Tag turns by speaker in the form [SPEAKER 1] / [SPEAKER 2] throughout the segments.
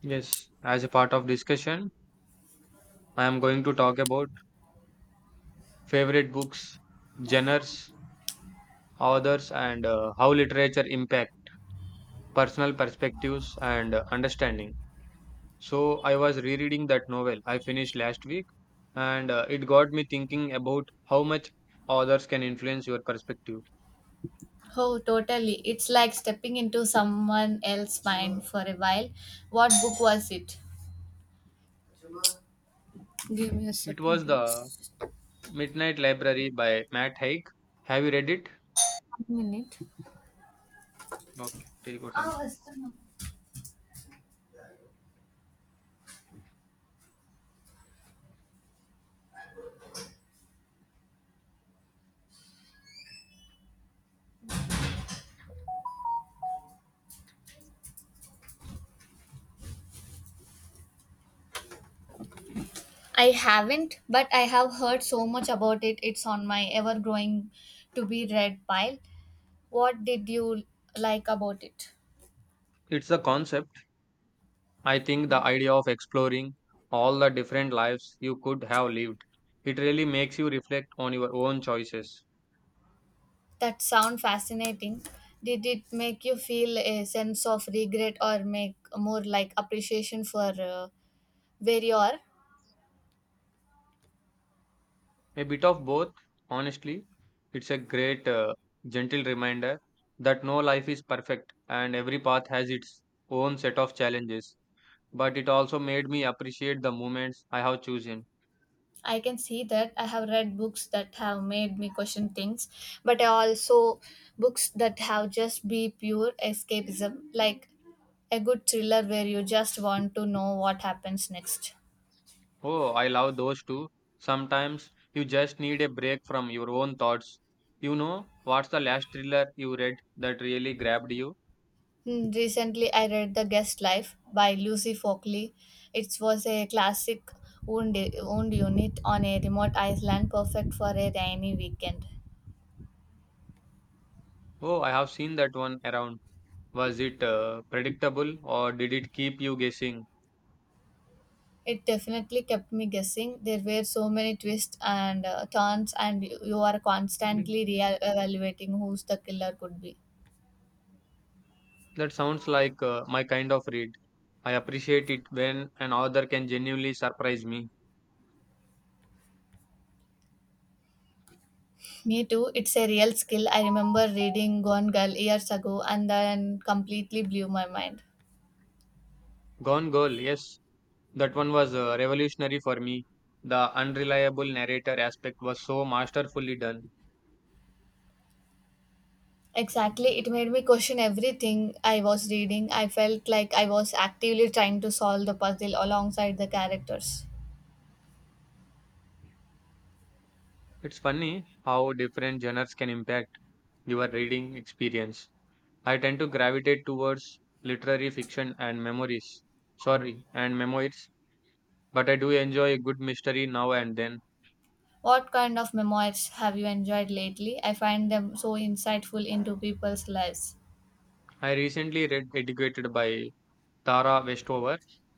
[SPEAKER 1] Yes, as a part of discussion, I am going to talk about favorite books, genres, authors, and how literature impact personal perspectives and understanding. So I was rereading that novel I finished last week, and it got me thinking about how much authors can influence your perspective.
[SPEAKER 2] Oh, totally. It's like stepping into someone else's mind for a while. What book was it? Give me a
[SPEAKER 1] It
[SPEAKER 2] second,
[SPEAKER 1] was the
[SPEAKER 2] please.
[SPEAKER 1] Midnight Library by Matt Haig. Have you read it?
[SPEAKER 2] 1 minute.
[SPEAKER 1] Okay, take your time.
[SPEAKER 2] I haven't, but I have heard so much about it. It's on my ever growing to be read pile. What did you like about it?
[SPEAKER 1] It's a concept. I think the idea of exploring all the different lives you could have lived, it really makes you reflect on your own choices.
[SPEAKER 2] That sound fascinating. Did it make you feel a sense of regret or make more like appreciation for where you are?
[SPEAKER 1] A bit of both, honestly. It's a great, gentle reminder that no life is perfect and every path has its own set of challenges. But it also made me appreciate the moments I have chosen.
[SPEAKER 2] I can see that I have read books that have made me question things, but I also books that have just be pure escapism, like a good thriller where you just want to know what happens next.
[SPEAKER 1] Oh, I love those too. Sometimes you just need a break from your own thoughts. You know, what's the last thriller you read that really grabbed you?
[SPEAKER 2] Recently, I read The Guest Life by Lucy Folkley. It was a classic wound unit on a remote island, perfect for a rainy weekend.
[SPEAKER 1] Oh, I have seen that one around. Was it predictable or did it keep you guessing?
[SPEAKER 2] It definitely kept me guessing. There were so many twists and turns, and you are constantly re-evaluating who's the killer could be.
[SPEAKER 1] That sounds like my kind of read. I appreciate it when an author can genuinely surprise me.
[SPEAKER 2] Me too. It's a real skill. I remember reading Gone Girl years ago, and then completely blew my mind.
[SPEAKER 1] Gone Girl, yes, that one was revolutionary for me. The unreliable narrator aspect was so masterfully done.
[SPEAKER 2] Exactly, it made me question everything I was reading. I felt like I was actively trying to solve the puzzle alongside the characters.
[SPEAKER 1] It's funny how different genres can impact your reading experience. I tend to gravitate towards literary fiction and memories. Sorry, and memoirs, but I do enjoy a good mystery now and then.
[SPEAKER 2] What kind of memoirs have you enjoyed lately? I find them so insightful into people's lives.
[SPEAKER 1] I recently read Educated by Tara Westover.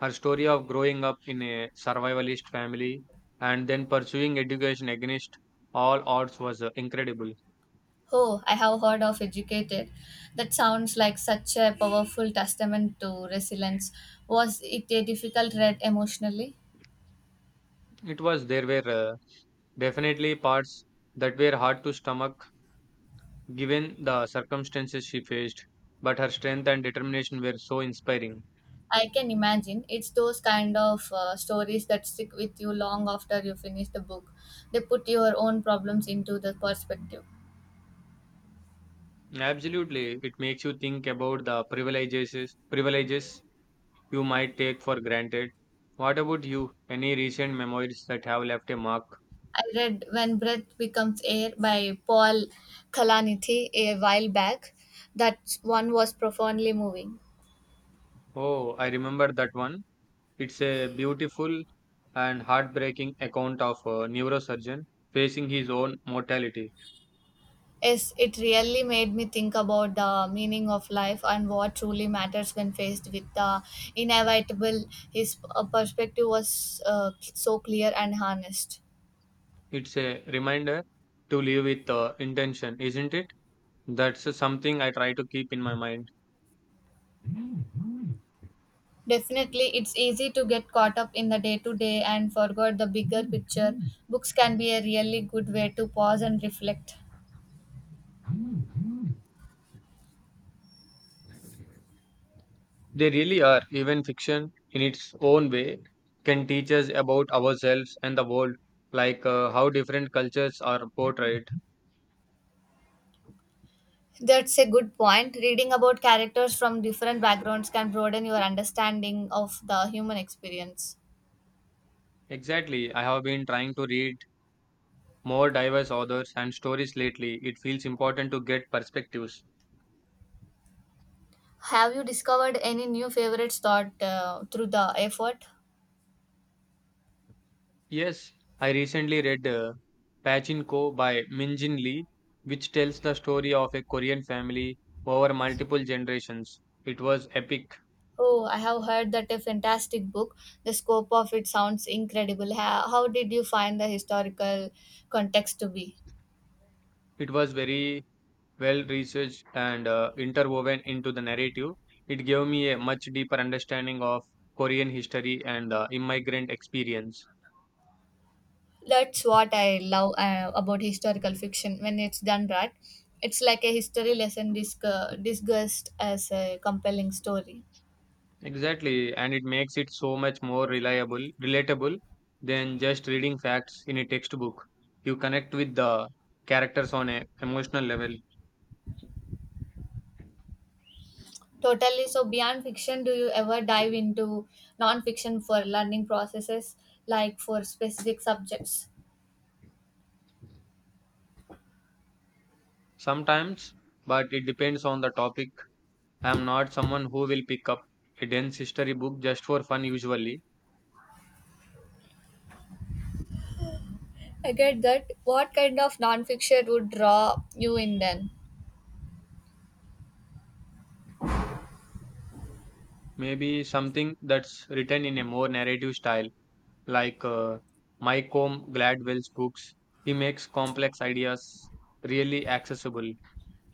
[SPEAKER 1] Her story of growing up in a survivalist family and then pursuing education against all odds was incredible.
[SPEAKER 2] Oh, I have heard of Educated. That sounds like such a powerful testament to resilience. Was it a difficult read emotionally?
[SPEAKER 1] It was, there were definitely parts that were hard to stomach given the circumstances she faced, but her strength and determination were so inspiring.
[SPEAKER 2] I can imagine. It's those kind of stories that stick with you long after you finish the book. They put your own problems into the perspective.
[SPEAKER 1] Absolutely, it makes you think about the privileges you might take for granted. What about you? Any recent memories that have left a mark?
[SPEAKER 2] I read When Breath Becomes Air by Paul Kalanithi a while back. That one was profoundly moving.
[SPEAKER 1] Oh, I remember that one. It's a beautiful and heartbreaking account of a neurosurgeon facing his own mortality.
[SPEAKER 2] Yes, it really made me think about the meaning of life and what truly matters when faced with the inevitable. His perspective was so clear and honest.
[SPEAKER 1] It's a reminder to live with intention, isn't it? That's something I try to keep in my mind.
[SPEAKER 2] Definitely, it's easy to get caught up in the day to day and forget the bigger picture. Books can be a really good way to pause and reflect.
[SPEAKER 1] They really are. Even fiction, in its own way, can teach us about ourselves and the world, like how different cultures are portrayed.
[SPEAKER 2] That's a good point. Reading about characters from different backgrounds can broaden your understanding of the human experience.
[SPEAKER 1] Exactly. I have been trying to read more diverse authors and stories lately. It feels important to get perspectives.
[SPEAKER 2] Have you discovered any new favorites thought through the effort?
[SPEAKER 1] Yes, I recently read Pachinko by Min Jin Lee, which tells the story of a Korean family over multiple generations. It was epic.
[SPEAKER 2] Oh, I have heard that a fantastic book. The scope of it sounds incredible. How did you find the historical context to be?
[SPEAKER 1] It was very well researched and interwoven into the narrative. It gave me a much deeper understanding of Korean history and immigrant experience.
[SPEAKER 2] That's what I love about historical fiction when it's done right. It's like a history lesson discussed as a compelling story.
[SPEAKER 1] Exactly, and it makes it so much more reliable, relatable than just reading facts in a textbook. You connect with the characters on a emotional level.
[SPEAKER 2] Totally. So, beyond fiction, do you ever dive into non fiction for learning processes, like for specific subjects?
[SPEAKER 1] Sometimes, but it depends on the topic. I am not someone who will pick up a dense history book just for fun usually.
[SPEAKER 2] I get that. What kind of nonfiction would draw you in then?
[SPEAKER 1] Maybe something that's written in a more narrative style like Mycomb Gladwell's books. He makes complex ideas really accessible.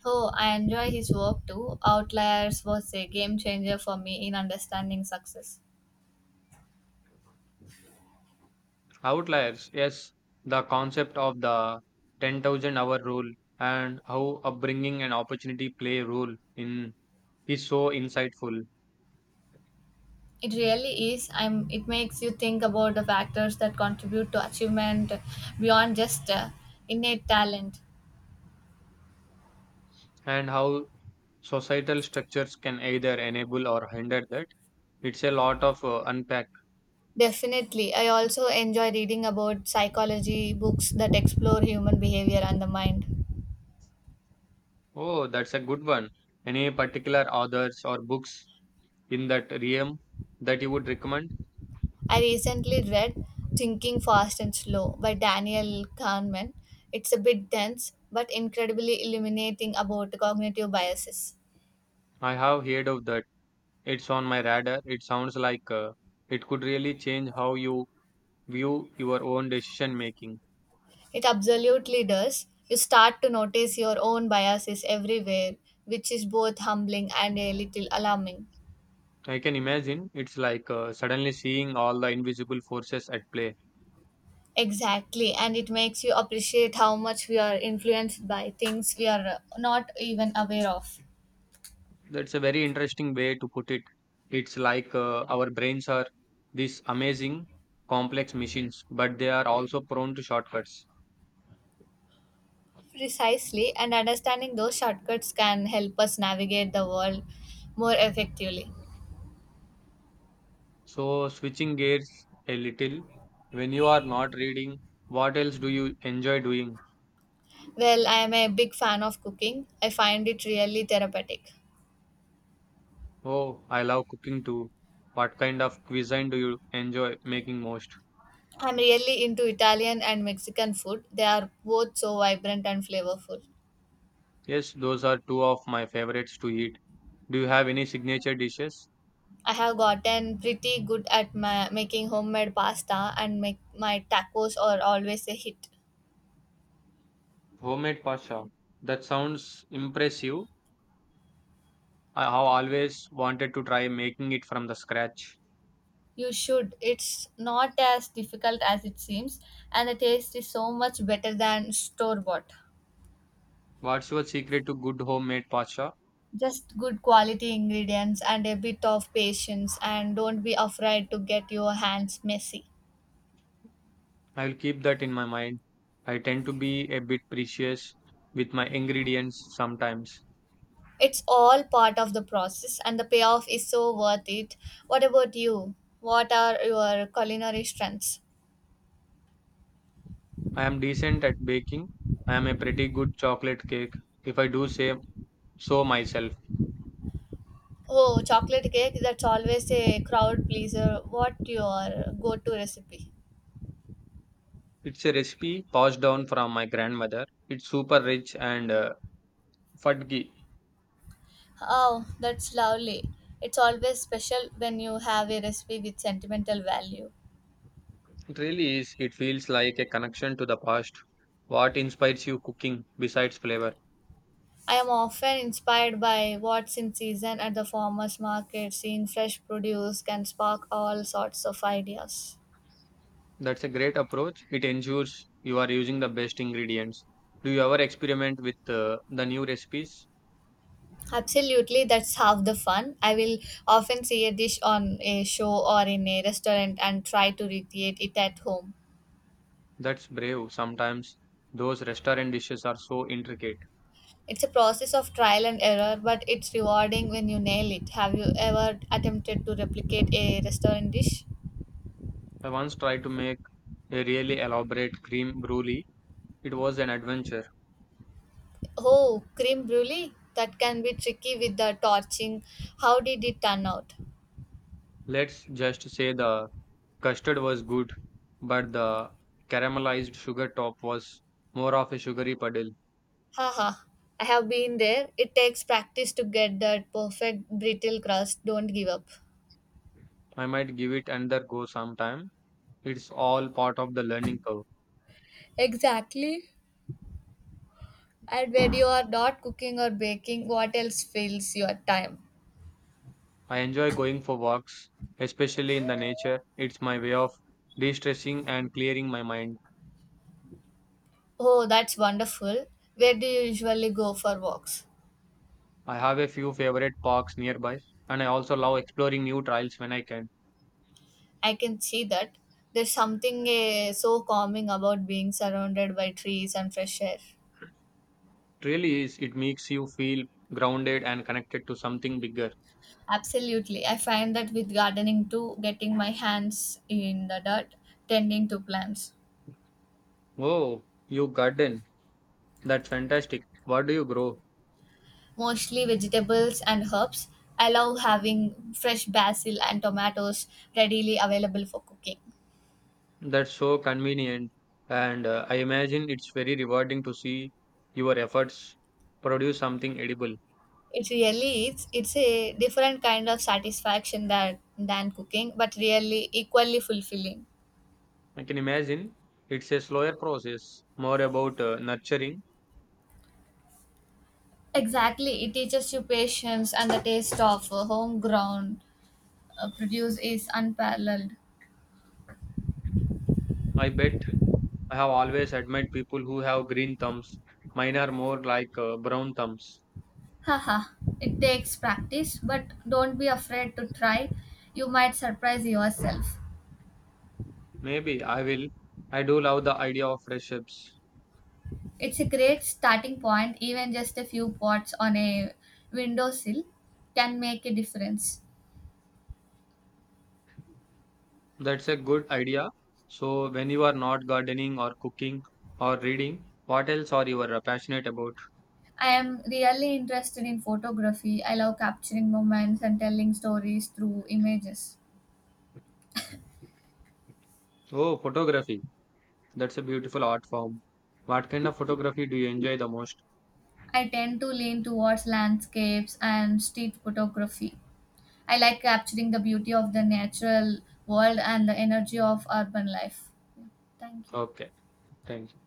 [SPEAKER 2] Oh, I enjoy his work too. Outliers was a game changer for me in understanding success.
[SPEAKER 1] Outliers, yes, the concept of the 10,000 hour rule and how upbringing and opportunity play a role in is so insightful,
[SPEAKER 2] It really is. It makes you think about the factors that contribute to achievement beyond just innate talent.
[SPEAKER 1] and how societal structures can either enable or hinder that. It's a lot of unpack.
[SPEAKER 2] Definitely. I also enjoy reading about psychology books that explore human behavior and the mind.
[SPEAKER 1] Oh, that's a good one. Any particular authors or books in that realm that you would recommend?
[SPEAKER 2] I recently read Thinking Fast and Slow by Daniel Kahneman. It's a bit dense, but incredibly illuminating about cognitive biases.
[SPEAKER 1] I have heard of that. It's on my radar. It sounds like it could really change how you view your own decision making.
[SPEAKER 2] It absolutely does. You start to notice your own biases everywhere, which is both humbling and a little alarming.
[SPEAKER 1] I can imagine it's like suddenly seeing all the invisible forces at play.
[SPEAKER 2] Exactly, and it makes you appreciate how much we are influenced by things we are not even aware of.
[SPEAKER 1] That's a very interesting way to put it. It's like our brains are these amazing complex machines, but they are also prone to shortcuts.
[SPEAKER 2] Precisely, and understanding those shortcuts can help us navigate the world more effectively.
[SPEAKER 1] So, switching gears a little, when you are not reading, what else do you enjoy doing?
[SPEAKER 2] Well, I am a big fan of cooking. I find it really therapeutic.
[SPEAKER 1] Oh, I love cooking too. What kind of cuisine do you enjoy making most?
[SPEAKER 2] I'm really into Italian and Mexican food. They are both so vibrant and flavorful.
[SPEAKER 1] Yes, those are two of my favorites to eat. Do you have any signature dishes?
[SPEAKER 2] I have gotten pretty good at making homemade pasta, and my tacos are always a hit.
[SPEAKER 1] Homemade pasta. That sounds impressive. I have always wanted to try making it from the scratch.
[SPEAKER 2] You should. It's not as difficult as it seems, and the taste is so much better than store bought.
[SPEAKER 1] What's your secret to good homemade pasta?
[SPEAKER 2] Just good quality ingredients and a bit of patience, and don't be afraid to get your hands messy.
[SPEAKER 1] I will keep that in my mind. I tend to be a bit precious with my ingredients sometimes.
[SPEAKER 2] It's all part of the process, and the payoff is so worth it. What about you? What are your culinary strengths?
[SPEAKER 1] I am decent at baking. I am a pretty good chocolate cake, if I do say so myself.
[SPEAKER 2] Oh, chocolate cake, that's always a crowd pleaser. What your go-to recipe?
[SPEAKER 1] It's a recipe passed down from my grandmother. It's super rich and fudgy.
[SPEAKER 2] Oh, that's lovely. It's always special when you have a recipe with sentimental value.
[SPEAKER 1] It really is. It feels like a connection to the past. What inspires you cooking besides flavor?
[SPEAKER 2] I am often inspired by what's in season at the farmers market. Seeing fresh produce can spark all sorts of ideas.
[SPEAKER 1] That's a great approach. It ensures you are using the best ingredients. Do you ever experiment with the new recipes?
[SPEAKER 2] Absolutely, that's half the fun. I will often see a dish on a show or in a restaurant and try to recreate it at home.
[SPEAKER 1] That's brave. Sometimes those restaurant dishes are so intricate.
[SPEAKER 2] It's a process of trial and error, but it's rewarding when you nail it. Have you ever attempted to replicate a restaurant dish?
[SPEAKER 1] I once tried to make a really elaborate cream brulee. It was an adventure.
[SPEAKER 2] Oh, cream brulee? That can be tricky with the torching. How did it turn out?
[SPEAKER 1] Let's just say the custard was good, but the caramelized sugar top was more of a sugary puddle.
[SPEAKER 2] Haha, I have been there. It takes practice to get that perfect brittle crust. Don't give up.
[SPEAKER 1] I might give it another go sometime. It's all part of the learning curve.
[SPEAKER 2] Exactly. And when you are not cooking or baking, what else fills your time?
[SPEAKER 1] I enjoy going for walks, especially in the nature. It's my way of de stressing and clearing my mind.
[SPEAKER 2] Oh, that's wonderful. Where do you usually go for walks?
[SPEAKER 1] I have a few favorite parks nearby, and I also love exploring new trails when I can.
[SPEAKER 2] I can see that. There's something so calming about being surrounded by trees and fresh air.
[SPEAKER 1] It really is, it makes you feel grounded and connected to something bigger.
[SPEAKER 2] Absolutely. I find that with gardening too, getting my hands in the dirt, tending to plants,
[SPEAKER 1] Oh, you garden. That's fantastic. What do you grow?
[SPEAKER 2] mostly vegetables and herbs. I love having fresh basil and tomatoes readily available for cooking.
[SPEAKER 1] That's so convenient, and I imagine it's very rewarding to see your efforts produce something edible.
[SPEAKER 2] It really is. It's a different kind of satisfaction that, than cooking, but really equally fulfilling.
[SPEAKER 1] I can imagine it's a slower process, more about nurturing.
[SPEAKER 2] Exactly. It teaches you patience and the taste of homegrown produce is unparalleled.
[SPEAKER 1] I bet I have always admired people who have green thumbs. Mine are more like brown thumbs.
[SPEAKER 2] Haha. It takes practice, but don't be afraid to try. You might surprise yourself.
[SPEAKER 1] Maybe I will. I do love the idea of fresh herbs.
[SPEAKER 2] It's a great starting point. Even just a few pots on a windowsill can make a difference.
[SPEAKER 1] That's a good idea. So, when you are not gardening or cooking or reading, what else are you passionate about?
[SPEAKER 2] I am really interested in photography. I love capturing moments and telling stories through images.
[SPEAKER 1] Oh, photography. That's a beautiful art form. What kind of photography do you enjoy the most?
[SPEAKER 2] I tend to lean towards landscapes and street photography. I like capturing the beauty of the natural world and the energy of urban life. Yeah, thank you.
[SPEAKER 1] Okay, thank you.